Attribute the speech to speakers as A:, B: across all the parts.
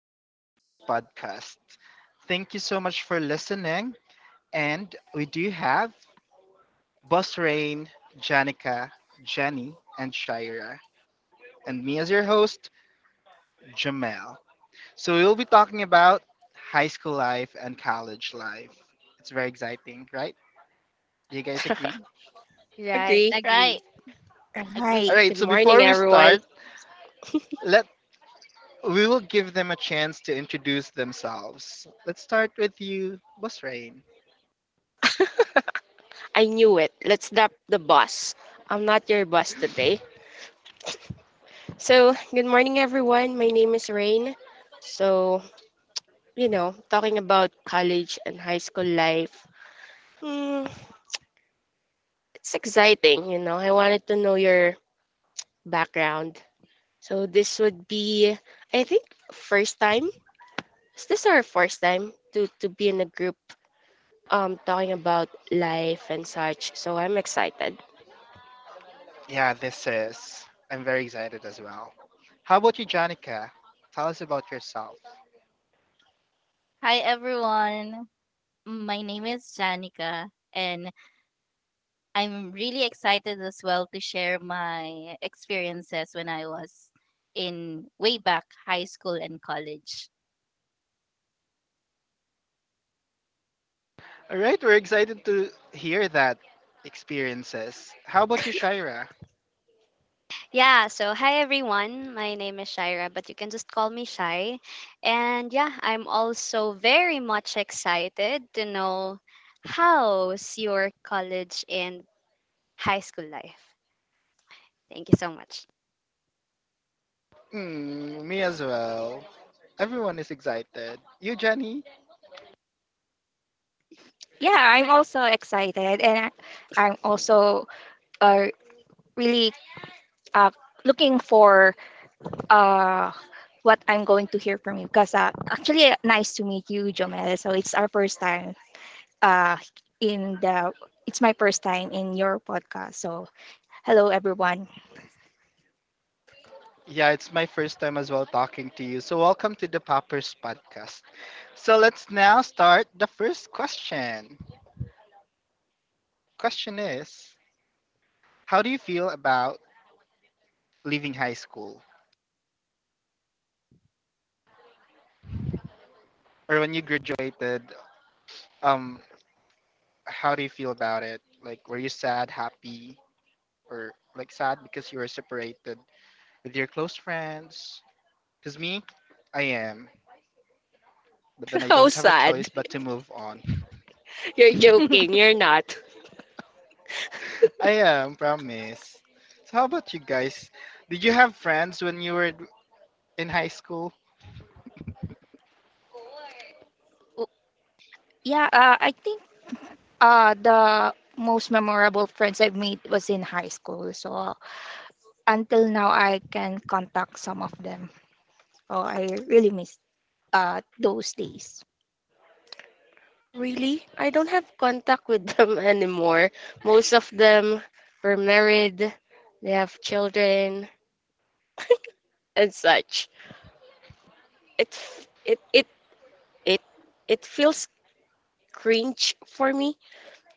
A: in Popper's podcast. Thank you so much for listening. And we do have Boss Rain, Janica, Jenny, and Shira, and me as your host, Jamel. So we'll be talking about high school life and college life. It's very exciting, right? Do you guys agree?
B: Right,
C: Agree.
D: Right.
B: agree.
A: All
D: Agree.
A: right,
C: Good
A: so
C: morning,
A: before we
E: Right.
C: everyone.
A: start, let we will give them a chance to introduce themselves. Let's start with you, Boss Rain.
C: I knew it. Let's dump the boss. I'm not your boss today. So, good morning, everyone. My name is Rain. So, talking about college and high school life, hmm, it's exciting. I wanted to know your background. So, this would be, I think, first time. Is this our first time to be in a group talking about life and such? So, I'm excited.
A: Yeah, this is. I'm very excited as well. How about you, Janica? Tell us about yourself.
D: Hi, everyone. My name is Janica, and I'm really excited as well to share my experiences when I was in way back high school and college.
A: All right, we're excited to hear that experiences. How about you, Shaira?
B: Yeah, so hi everyone. My name is Shaira, but you can just call me Shai. And yeah, I'm also very much excited to know how's your college and high school life. Thank you so much.
A: Hmm, me as well. Everyone is excited. You, Jenny?
E: Yeah, I'm also excited, and I'm also uh, really uh, looking for uh, what I'm going to hear from you. Because nice to meet you, Jomel. So it's our first time uh, in the. It's my first time in your podcast. So hello, everyone.
A: Yeah, it's my first time as well talking to you. So, welcome to the Poppers podcast. So, let's now start the first question. Question is, how do you feel about leaving high school or when you graduated? Um, how do you feel about it? Like, were you sad, happy, or like sad because you were separated with your close friends? Because me, I am, but then I
C: How
A: don't have a
C: sad.
A: choice but to move on.
C: You're joking. You're not.
A: I am, promise. So, how about you guys? Did you have friends when you were in high school?
E: Yeah, I think the most memorable friends I've made was in high school. So until now, I can contact some of them. Oh, I really miss those days.
C: Really? I don't have contact with them anymore. Most of them were married, they have children and such. It f- it it feels cringe for me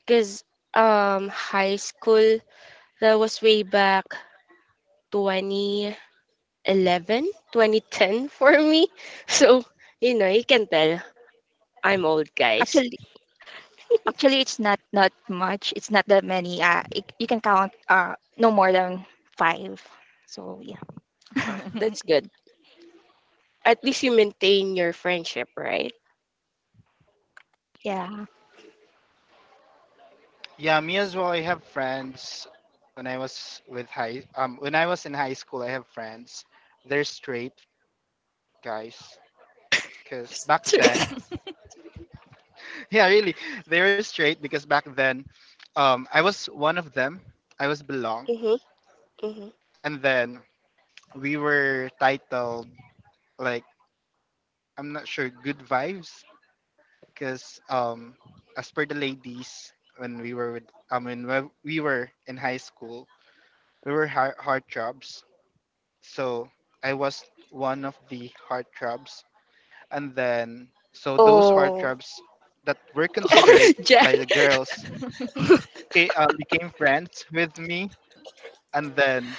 C: because high school, that was way back 2011, 2010 for me. So, you can tell I'm old, guys.
E: Actually actually it's not that many. It, you can count no more than five. So yeah.
C: That's good. At least you maintain your friendship, right?
E: Yeah.
A: Yeah, me as well. I have friends when I was in high school. I have friends. They're straight guys, because back then,
C: Straight.
A: yeah, really. They were straight because back then, I was one of them. I was belong,
C: Mm-hmm, mm-hmm.
A: and then we were titled like, I'm not sure, good vibes, because as per the ladies, when we were with, I mean, when we were in high school, we were heartthrobs. So I was one of the heartthrobs, and then so those
E: Oh,
A: heartthrobs that were
C: Oh,
A: considered
C: Jan,
A: by the girls became friends with me, and then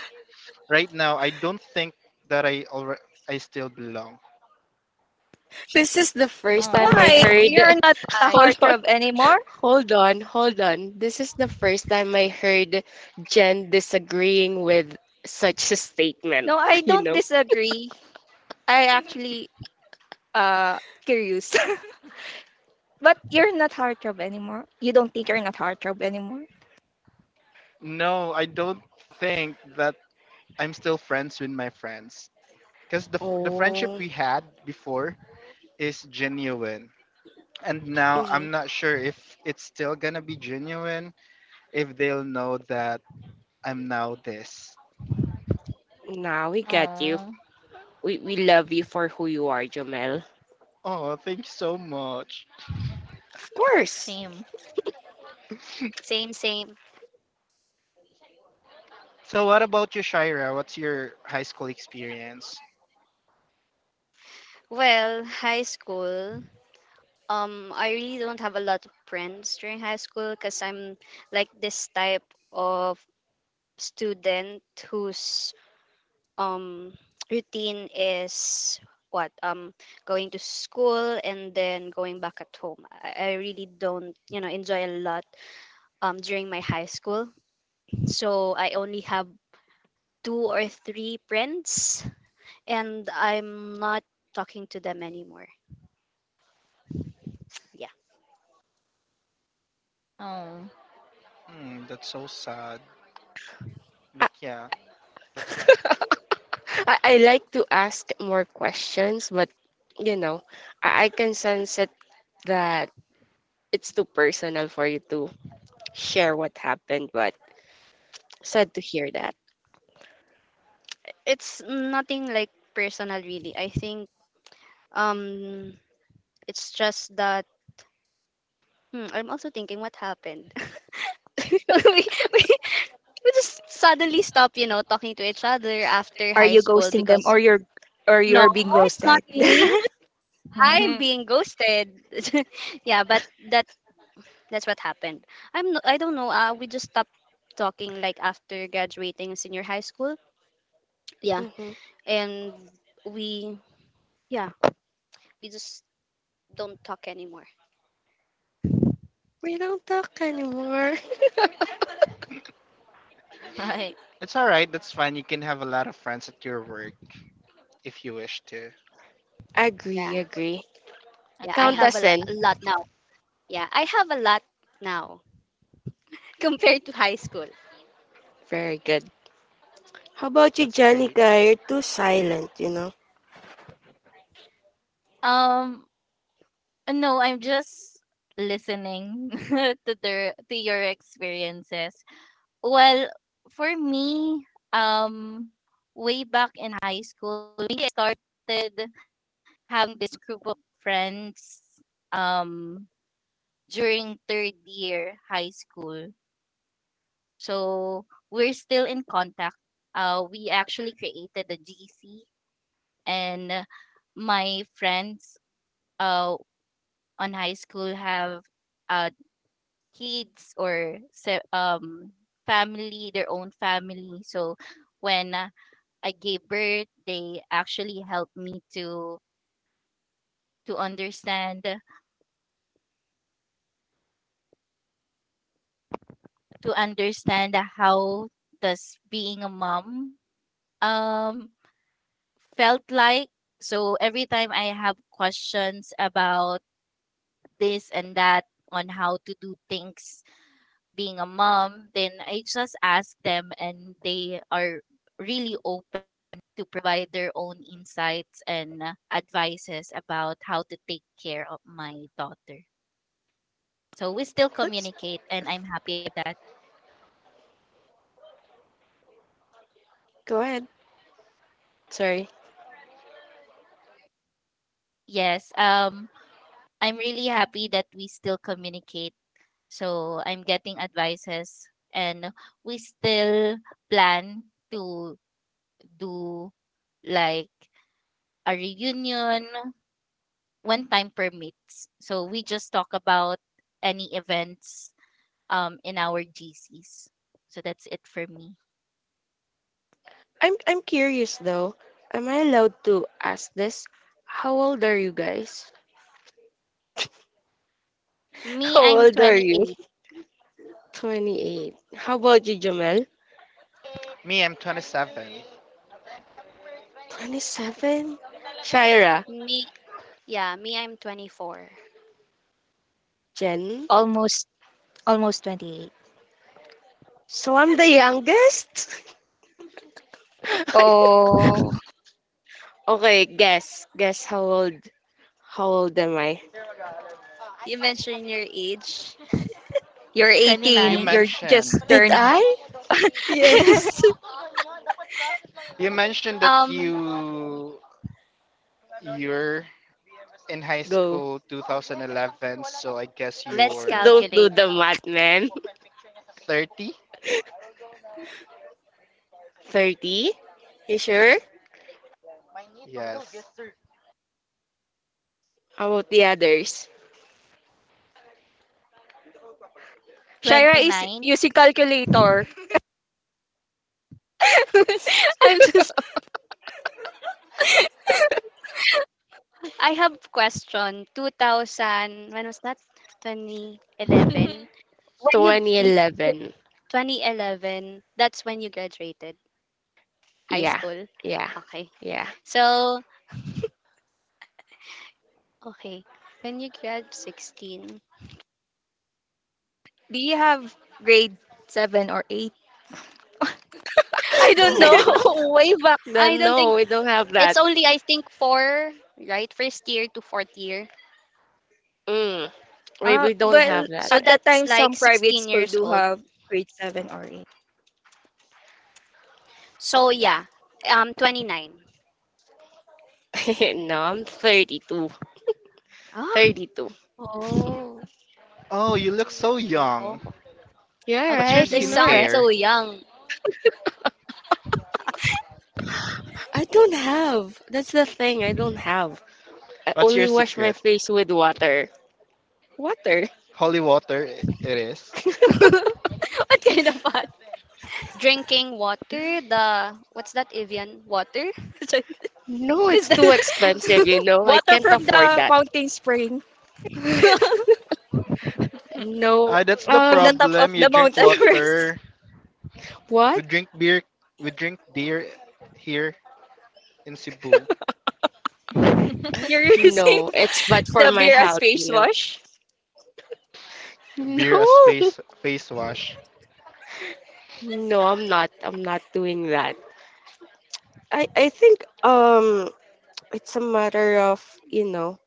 A: right now I don't think that I already I still belong.
C: this is the first time I
E: why
D: Oh.
C: heard.
E: you're not a
B: Hi.
C: Hold on.
E: heartthrob anymore?
C: Hold on, hold on. This is the first time I heard Jen disagreeing with such a statement,
E: No, I
C: you
E: don't
C: know?
E: disagree. I actually uh curious. but you're not heartthrob anymore? You don't think you're not heartthrob anymore?
A: No, I don't think that. I'm still friends with my friends because the, the friendship
C: Oh,
A: we had before is genuine, and now
C: mm-hmm.
A: I'm not sure if it's still gonna be genuine if they'll know that I'm now this.
C: Nah, we get you.
D: Oh,
C: We love you for who you are, Jomel.
A: Oh, thank you so much.
C: Of course.
D: same.
B: Same, same.
A: So what about you, Shaira? What's your high school experience?
B: Well, high school. I really don't have a lot of friends during high school because I'm like this type of student who's um routine is what going to school and then going back at home. I really don't enjoy a lot during my high school. So I only have two or three friends, and I'm not talking to them anymore. Yeah.
D: Oh.
A: Hmm, that's so sad, but
C: I,
A: yeah, that's life.
C: I like to ask more questions, but you know, I can sense it that it's too personal for you to share what happened, but sad to hear that.
B: It's nothing like personal, really, I think. um it's just that, I'm also thinking what happened. we, we we just suddenly stop, talking to each other after
E: Are
B: high
E: you
B: school
E: ghosting them,
B: because,
E: or
B: no,
E: you're being
B: it's
E: ghosted?
B: not me. I'm being ghosted. Yeah, but that that's what happened. I'm no, I don't know. We just stopped talking like after graduating senior high school. Yeah,
C: hmm
B: and we, yeah, we just don't talk anymore.
C: We don't talk anymore.
D: Right.
A: It's all right. That's fine. You can have a lot of friends at your work if you wish to.
B: Yeah,
C: Agree, agree.
B: yeah. I
C: Count
B: have a,
C: us
B: lo-
D: Agree.
C: in.
B: a lot now. Yeah, I have a lot now compared to high school.
C: Very good. How about you,
A: That's great.
C: Janica? You're too silent, you know.
D: Um, no, I'm just listening to your experiences. Well, for me, um, way back in high school, I started having this group of friends um, during third year high school. So we're still in contact. We actually created a GC, and my friends uh, on high school have uh, kids or family, their own family. So when I gave birth, they actually helped me to understand to understand how does being a mom um felt like. So every time I have questions about this and that on how to do things being a mom, then I just ask them, and they are really open to provide their own insights and advices about how to take care of my daughter. So we still
C: Let's
D: communicate, and I'm happy that.
C: go ahead. Sorry.
D: Yes, I'm really happy that we still communicate. So I'm getting advices, and we still plan to do like a reunion when time permits. So we just talk about any events in our GCs. So that's it for me.
C: I'm curious though. Am I allowed to ask this? How old are you guys? How
D: Me,
C: old
D: I'm
C: are you?
D: 29.
C: 28. How about you, Jamel?
A: Me, I'm 27.
C: 27. Shaira,
B: Me, yeah, me. I'm 24.
C: Jen.
E: almost almost 28.
C: So I'm the youngest? I
E: Oh.
C: Okay, guess. Guess how old am I?
B: You mentioned your age.
E: You're
A: You
E: 18. You're
A: mentioned
E: just
C: Did
E: turned.
C: I?
B: Yes.
A: you mentioned that
B: Um,
A: you're in high
C: Go.
A: school 2011, so I guess
B: let's
A: you're
C: Don't do
B: calculate.
C: the math, man.
A: 30.
C: 30? You sure?
A: Yes.
C: How about the others?
E: Shaira is using
D: 29?
E: calculator.
B: I'm just I have question 2000, when was that? 2011. When you
C: Twenty
B: y-
C: eleven?
B: 2011, that's when you graduated high
C: Yeah.
B: school.
C: Yeah.
B: Okay.
C: Yeah.
B: So, okay. When you grad 16.
E: Do you have grade seven or eight?
B: I don't
C: No,
B: think.
D: No.
C: way back
B: I
C: then.
B: don't
C: No,
B: think
C: we don't have
B: it's
C: that.
B: only, I think, 4, right? First year to fourth year.
C: Mm, wait,
E: Ah,
C: we don't
E: well,
C: have that.
B: So
E: at that
B: that's
E: time, some
B: like
E: private
B: 16
E: school
B: years
E: do
B: old.
E: have grade seven or eight.
B: So yeah, 29.
C: No, I'm 32.
B: Ah,
C: 32.
D: Oh,
A: Oh, you look so
B: oh,
A: young.
C: Yeah,
A: What's your
B: you
C: right. I know,
B: sound
C: right?
B: so
D: agree.
A: skincare?
B: young.
C: I don't have. That's the thing. I don't have. I
A: What's your
C: only wash my
A: secret?
C: face with water. Water.
A: Holy water, it is.
B: What kind of what? Drinking water, the, what's that, Evian? Water?
C: No,
B: Is
C: it's
B: that?
C: too expensive. I
E: Water
C: can't
E: from
C: afford
E: the
C: that.
E: mountain spring.
C: No.
A: Ah, that's the
E: From the
C: Um,
E: top of
A: problem. You
E: the
A: drink
E: mountain first.
A: water. We
C: what?
A: drink beer. We drink beer here in Cebu.
E: You're using
C: No, it's bad for
E: the
C: my
E: beer as
C: health,
E: face
C: you know.
E: wash.
A: Beer as
C: No.
A: face wash.
C: No, I'm not. I'm not doing that. I think it's a matter of, you know,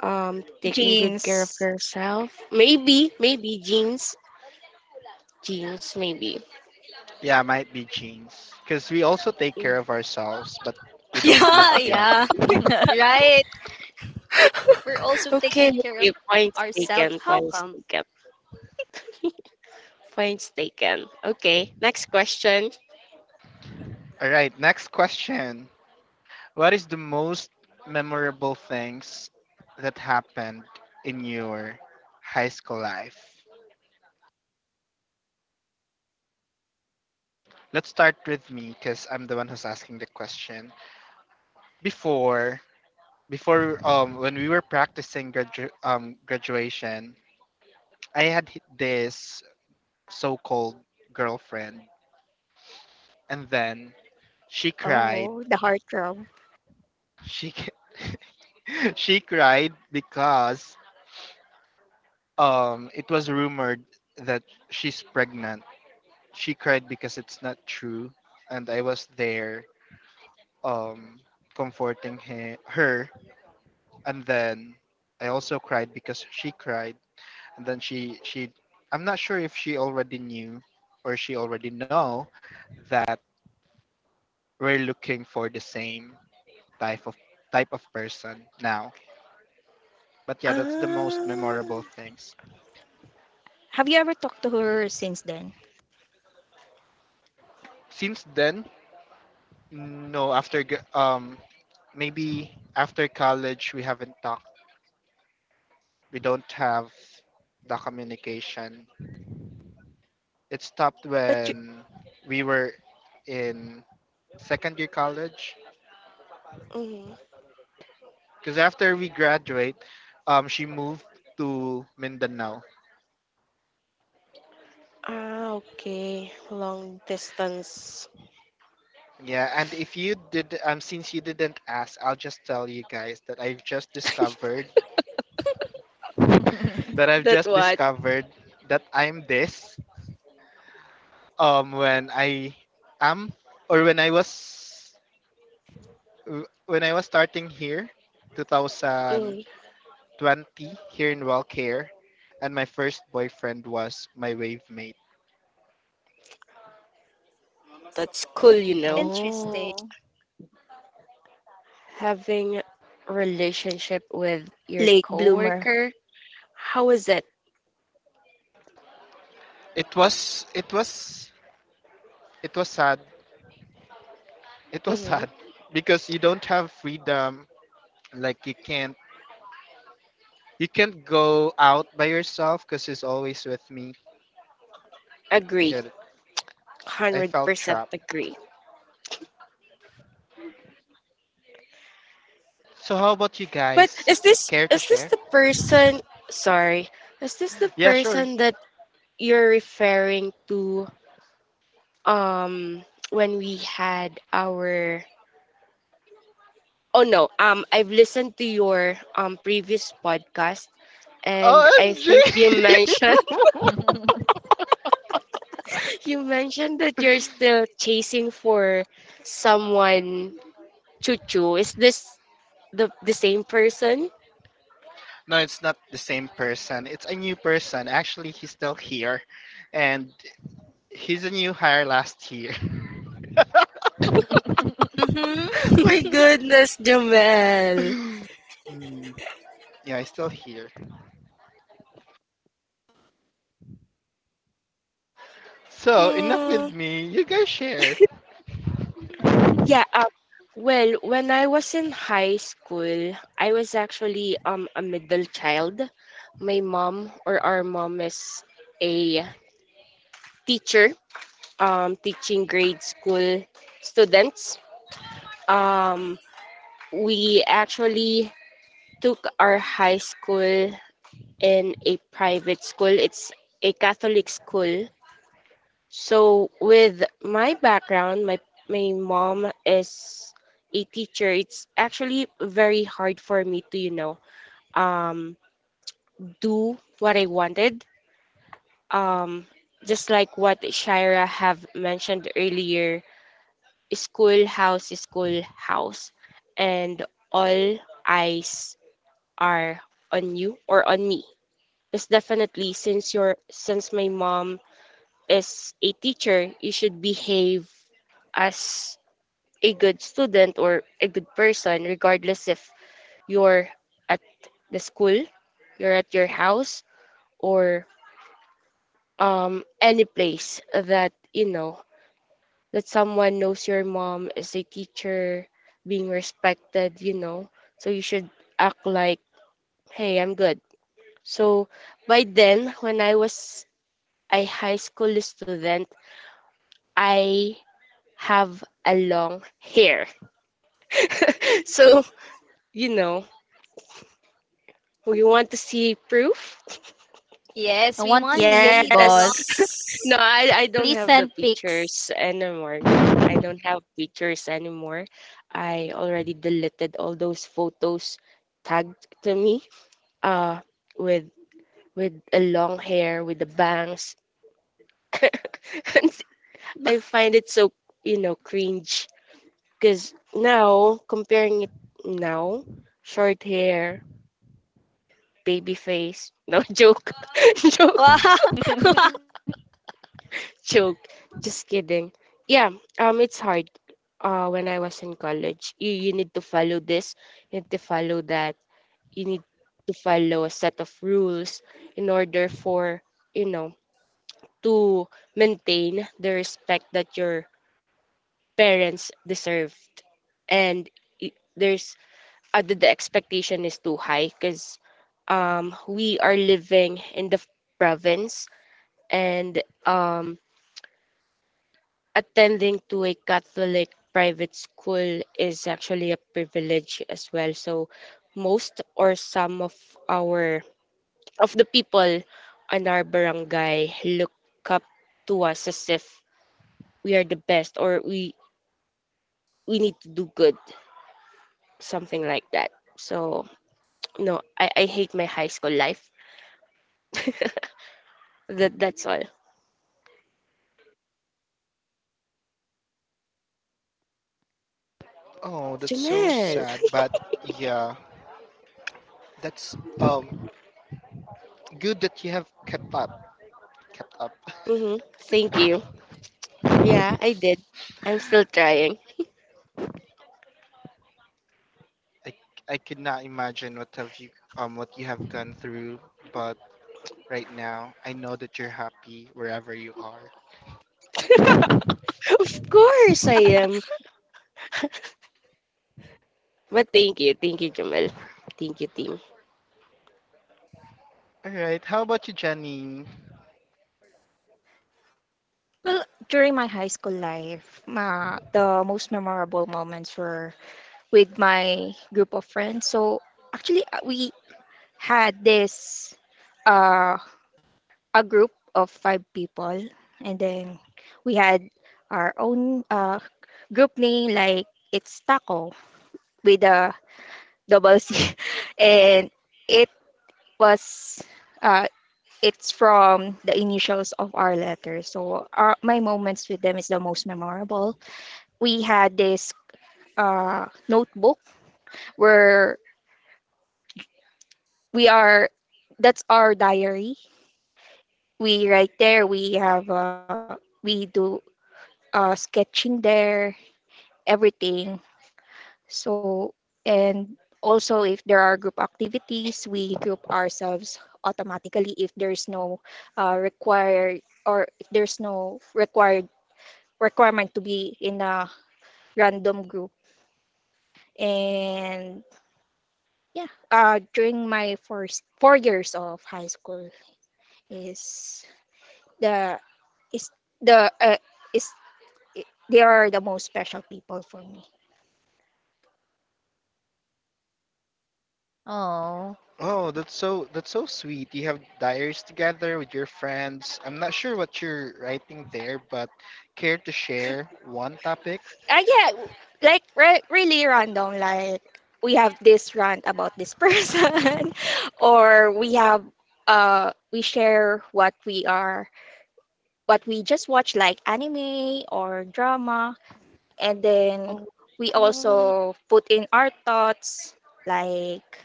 C: taking good care of
E: Jeans.
C: yourself. Maybe jeans. Jeans, maybe.
A: Yeah, might be jeans. Cause we also take care of ourselves, but we don't
B: Yeah,
A: look young.
B: yeah, right. We're also taking
C: Okay,
B: care of
C: okay. Points
B: ourselves.
C: taken.
B: How
C: Points
B: come?
C: taken. Points taken. Okay. Next question.
A: All right, next question. What is the most memorable things that happened in your high school life? Let's start with me, cause I'm the one who's asking the question. Before, Before when we were practicing graduation, I had this so-called girlfriend, and then she cried.
E: Oh, the heart girl.
A: She c- she cried because it was rumored that she's pregnant. She cried because it's not true, and I was there um comforting her, and then I also cried because she cried. And then she, I'm not sure if she already knew or she already know that we're looking for the same type of type of person now. But yeah, that's the most
C: Ah,
A: memorable things.
E: Have you ever talked to her since then?
A: Since then, no, after maybe after college we haven't talked. We don't have the communication. It stopped
C: but you,
A: when we were in second year college.
C: mm,
A: Because after we graduate, she moved to Mindanao.
C: ah, okay, long distance.
A: Yeah, and if you did, since you didn't ask, I'll just tell you guys that I've
C: That
A: just
C: what?
A: discovered that I'm this. When I am or when I was starting here, 2020,
C: Mm,
A: here in Wellcare, and my first boyfriend was my wave mate.
C: that's cool.
B: Interesting.
D: Oh.
C: Having relationship with your
E: Late bloomer.
C: coworker, how is it?
A: It was it was sad it was sad
C: Mm-hmm.
A: because you don't have freedom, like you can't go out by yourself because he's always with me,
C: Agree,
A: yeah. I
C: hundred
A: felt
C: percent
A: trapped.
C: agree.
A: So how about you
C: But
A: guys,
C: is this
A: care to
C: is this
A: share?
C: the person? Sorry, is this the
A: Yeah, sure.
C: person that you're referring to? Um, when we had our Oh no, I've listened to your previous podcast, and I
A: OMG.
C: think you mentioned you mentioned that you're still chasing for someone. Chuchu, is this the same person?
A: No, it's not the same person, it's a new person. Actually, he's still here, and he's a new hire last year.
C: My
B: Mm-hmm.
C: goodness, Jamel.
A: Mm, yeah, he's still here. So enough
C: Hmm.
A: with me, you guys share.
C: Yeah. Well, when I was in high school, I was actually a middle child. My mom, or our mom, is a teacher teaching grade school students. Um, we actually took our high school in a private school. It's a Catholic school. So with my background, my mom is a teacher. It's actually very hard for me to, um, do what I wanted. Um, just like what Shira have mentioned earlier, Schoolhouse, and all eyes are on you, or on me. Because definitely, since my mom is a teacher, you should behave as a good student or a good person, regardless if you're at the school, you're at your house, or any place that you know that someone knows your mom is a teacher, being respected. So you should act like, hey, I'm good. So by then, when I was a high school student, I have a long hair. So, you know, we want to see proof?
B: Yes, we
D: I
B: want to
D: want to
B: see
D: see it,
B: the long.
D: boss.
E: Yes.
C: No, I don't have the
D: Please send
C: pictures
D: pics.
C: anymore. No, I don't have pictures anymore. I already deleted all those photos tagged to me, uh, with with a long hair with the bangs, and I find it so cringe, because now, comparing it now, short hair, baby face. No joke. Joke,
B: Wow.
C: joke. Just kidding. Yeah. It's hard when I was in college. You need to follow this, you need to follow that, you need to follow a set of rules in order for you know to maintain the respect that you're parents deserved. And there's, the expectation is too high, because we are living in the province, and attending to a Catholic private school is actually a privilege as well. So most, or some our of the people in our barangay look up to us as if we are the best, or we need to do good, something like that. So no, I hate my high school life. That's all.
A: Oh, that's so
C: Jamel.
B: Speechless.
A: sad, but yeah. That's good that you have kept up. Up.
C: Mm-hmm. Thank you. Yeah, I did. I'm still trying.
A: I I could not imagine what have you what you have gone through, but right now I know that you're happy wherever you are.
C: Of course I am. But thank you, Jamel. Thank you, team.
A: All right. How about you, Janine?
E: Well, during my high school life, ma the most memorable moments were with my group of friends. So actually, we had this uh, a group of five people, and then we had our own group name, like it's Taco with a double C, and it was uh, it's from the initials of our letters. So my moments with them is the most memorable. We had this notebook where we are that's our diary. We write there. We have we do sketching there, everything. So and also if there are group activities, we group ourselves automatically if there's no required requirement to be in a random group. And yeah, during my first 4 years of high school is the is the is they are the most special people for me.
D: Oh.
A: Oh, that's so, that's so sweet. You have diaries together with your friends. I'm not sure what you're writing there, but care to share one topic?
E: Yeah, like really random. Like we have this rant about this person, or we have we share what we are what we just watch, like anime or drama. And then
C: Oh,
E: we
C: mm,
E: also put in our thoughts, like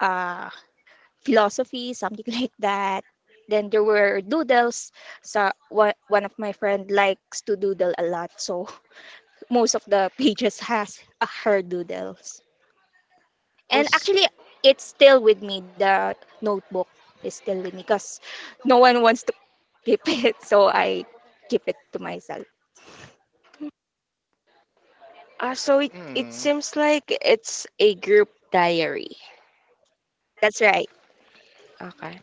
E: uh philosophy, something like that. Then there were doodles. So one of my friend likes to doodle a lot, so most of the pages has her doodles.
C: oh
E: And
C: s-
E: actually, it's still with me. The notebook is still with me because no one wants to keep it, so I keep it to myself.
C: ah, so it
A: Hmm.
C: seems like it's a group diary.
E: That's right.
C: Okay.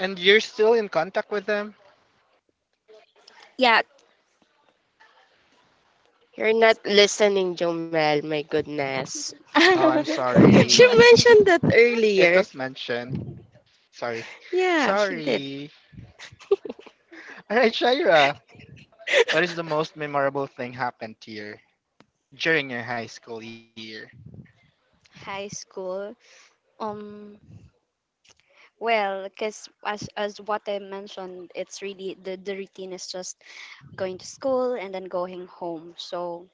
A: And you're still in contact with them?
E: Yeah.
C: You're not listening, Jomel. My goodness.
A: Oh, I'm
C: She
A: sorry.
C: mentioned that
A: It
C: earlier.
A: was mentioned. Sorry.
C: Yeah, she did.
A: Sorry. All right, Shaira, what is the most memorable thing happened to you during your high school year?
B: High school. Um, Well, because as what I mentioned, it's really the routine is just going to school and then going home. So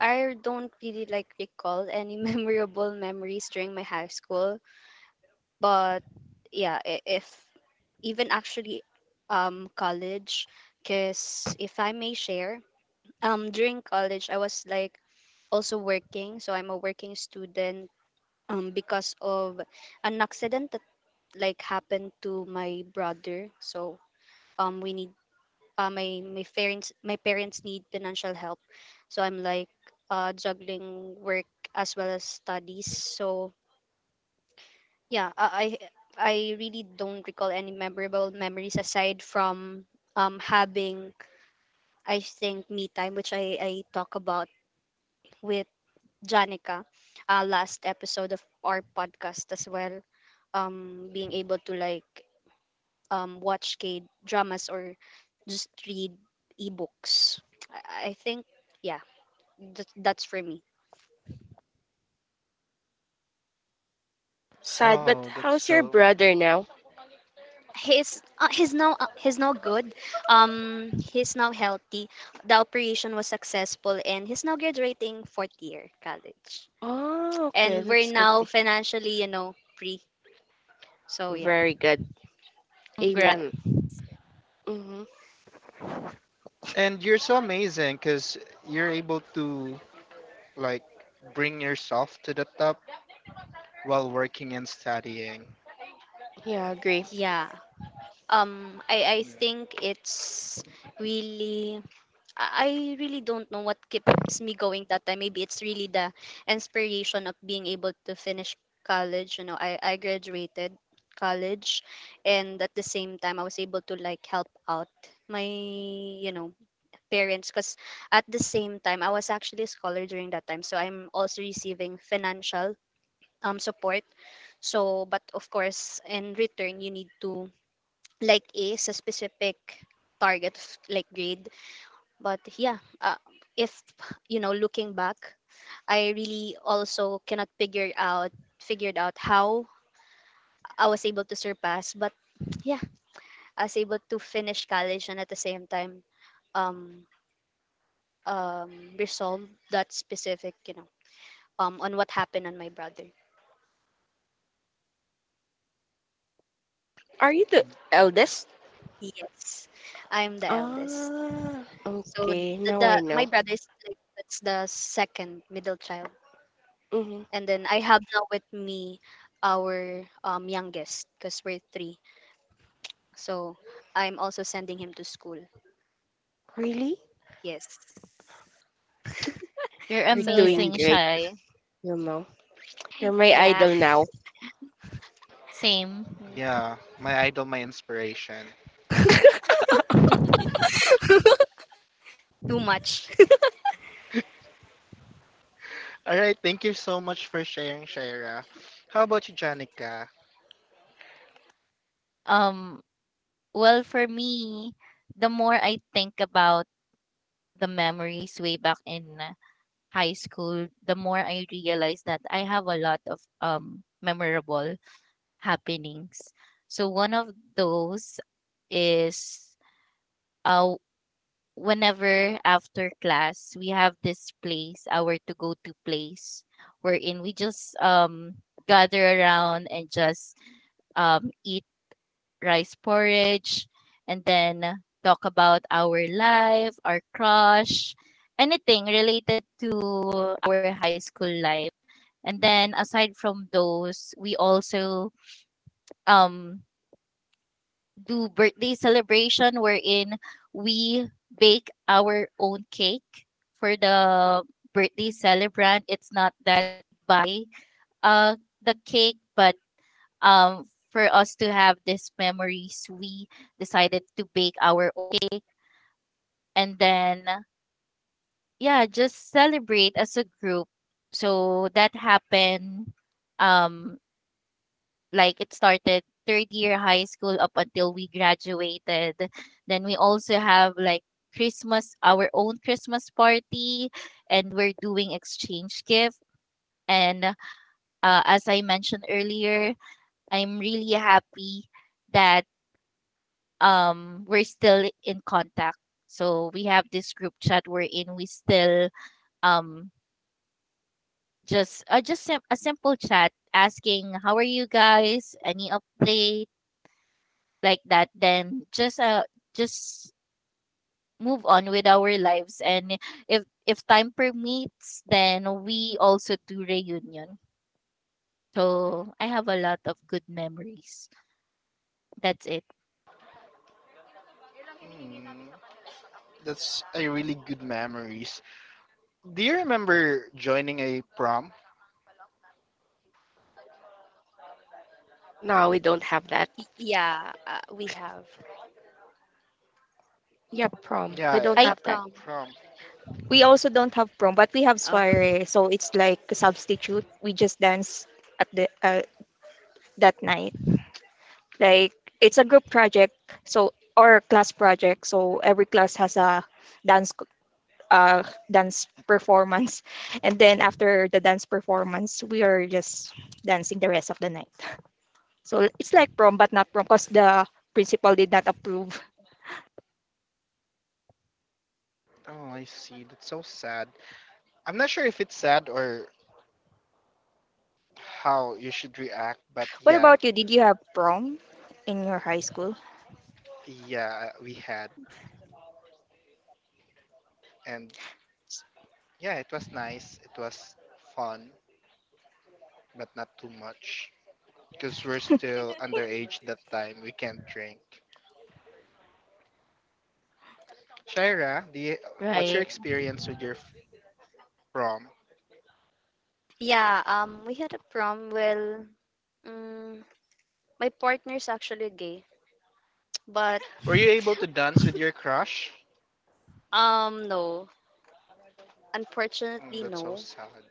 B: I don't really like recall any memorable memories during my high school. But yeah, if even actually, college, because if I may share, during college I was like also working, so I'm a working student, because of an accident that like happened to my brother. So, we need, my parents, my parents need financial help. So I'm like, juggling work as well as studies. So yeah, I really don't recall any memorable memories aside from, having, I think, me time, which I talk about with Janica, last episode of our podcast as well, being able to like, watch K dramas or just read ebooks. I think, yeah, that's for me.
C: Sad,
A: Oh,
C: but
A: that's
C: how's your
A: so.
C: brother now?
B: He's now good. He's now healthy. The operation was successful, and he's now graduating fourth year college.
C: Oh, okay,
B: And we're
C: that's good
B: now
C: to hear.
B: financially free. So yeah,
C: Very good.
B: yeah,
D: Congrats.
C: Amen. Mm-hmm.
A: And you're so amazing because you're able to like bring yourself to the top while working and studying.
C: Yeah, I agree.
B: yeah. I
A: Yeah.
B: think it's really, I really don't know what keeps me going that time. Maybe it's really the inspiration of being able to finish college. You know, I graduated college, and at the same time I was able to like help out my parents, because at the same time I was actually a scholar during that time. So I'm also receiving financial support. So but of course in return you need to like ace a specific target of, like, grade. But yeah, if, looking back, I really also cannot figured out how I was able to surpass. But yeah, I was able to finish college, and at the same time, um um resolve that specific, on what happened on my brother.
C: Are you the eldest?
B: Yes, I'm the eldest.
C: Ah,
B: So
C: okay. Now I
B: the my
C: know.
B: brother is like, that's the second middle child.
C: Mm-hmm.
B: And then I have now with me our youngest because we're three. So I'm also sending him to school.
C: Really?
B: Yes.
D: You're
C: You're
B: So yeah,
C: doing
D: amazing,
C: great.
D: shy.
C: You know, you're my
B: yeah,
C: idol now.
D: Same.
A: Yeah, my idol, my inspiration.
B: too much.
A: All right, thank you so much for sharing, Shaira. How about you, Janica?
D: Um, well, for me, the more I think about the memories way back in high school, the more I realized that I have a lot of memorable happenings. So one of those is uh whenever after class we have this place, our to go to place wherein we just gather around and just eat rice porridge and then talk about our life, our crush, anything related to our high school life. And then aside from those, we also um, do birthday celebration wherein we bake our own cake for the birthday celebrant. It's not that buy uh, the cake, but for us to have these memories, we decided to bake our own cake, and then yeah, just celebrate as a group. So that happened um like it started third year high school up until we graduated. Then we also have like Christmas, our own Christmas party, and we're doing exchange gift. And as I mentioned earlier, I'm really happy that we're still in contact. So we have this group chat we're in. We still um, just a simple chat asking how are you guys, any update like that, then just move on with our lives and if time permits, then we also do reunion. So I have a lot of good memories. That's it.
A: Hmm, that's a really good memories. Do you remember joining a prom?
C: No, we don't have that.
B: Yeah, we have
C: Yeah, prom. We
A: Yeah,
C: don't
D: I
B: a
C: have that.
B: prom.
A: prom.
E: we also don't have prom, but we have
B: Oh,
E: soiree, so it's like a substitute. We just dance at the that night. Like it's a group project, so or class project. So every class has a dance c- uh dance performance, and then after the dance performance, we are just dancing the rest of the night. So it's like prom, but not prom, cause the principal did not approve.
A: Oh, I see. That's so sad. I'm not sure if it's sad or how you should react, but
E: What
A: yeah,
E: about you? Did you have prom in your high school?
A: yeah, we had. And yeah, it was nice. It was fun, but not too much. Because we're still underage that time. We can't drink. Shaira, do you, what's your
D: Right. Right.
A: experience with your prom?
B: yeah. We had a prom. Well, mm, my partner's actually gay, but,
A: Were you able to dance with your crush?
B: no,
A: Mm,
B: unfortunately,
A: that's so
B: no.
A: sad.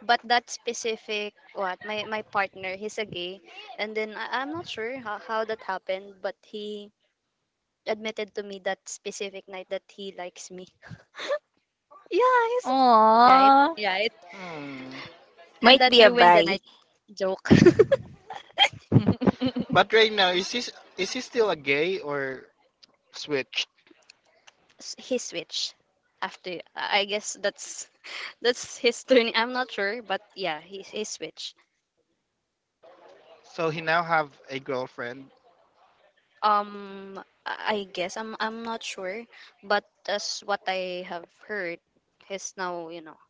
B: But that specific what my partner, he's a gay, and then I'm not sure how that happened, but he admitted to me that specific night that he likes me. Yeah, he's right,
D: Aww.
B: right.
A: Hmm.
B: And
E: Might
B: that
E: be a
B: ruined the
E: bye.
B: night, joke.
A: But right now, is he still a gay or switched?
B: He switched after. I guess that's that's his turn. I'm not sure, but yeah, he switched.
A: So he now have a girlfriend?
B: Um, I I guess I'm not sure, but that's what I have heard. He's now,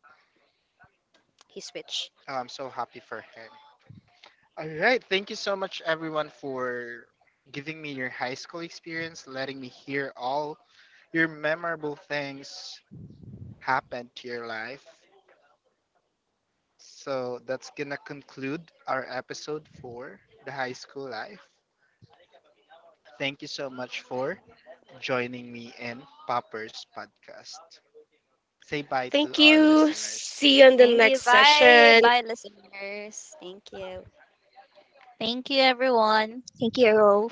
B: he switched.
A: I'm so happy for him. All right. Thank you so much, everyone, for giving me your high school experience, letting me hear all your memorable things happen to your life. So that's going to conclude our episode for the high school life. Thank you so much for joining me in Popper's podcast. Say bye to
C: Thank
A: our
C: you.
A: listeners.
C: See you in the
B: Thank you.
C: next
B: Bye,
C: session.
B: bye, listeners. Thank you.
D: Thank you, everyone.
E: Thank you.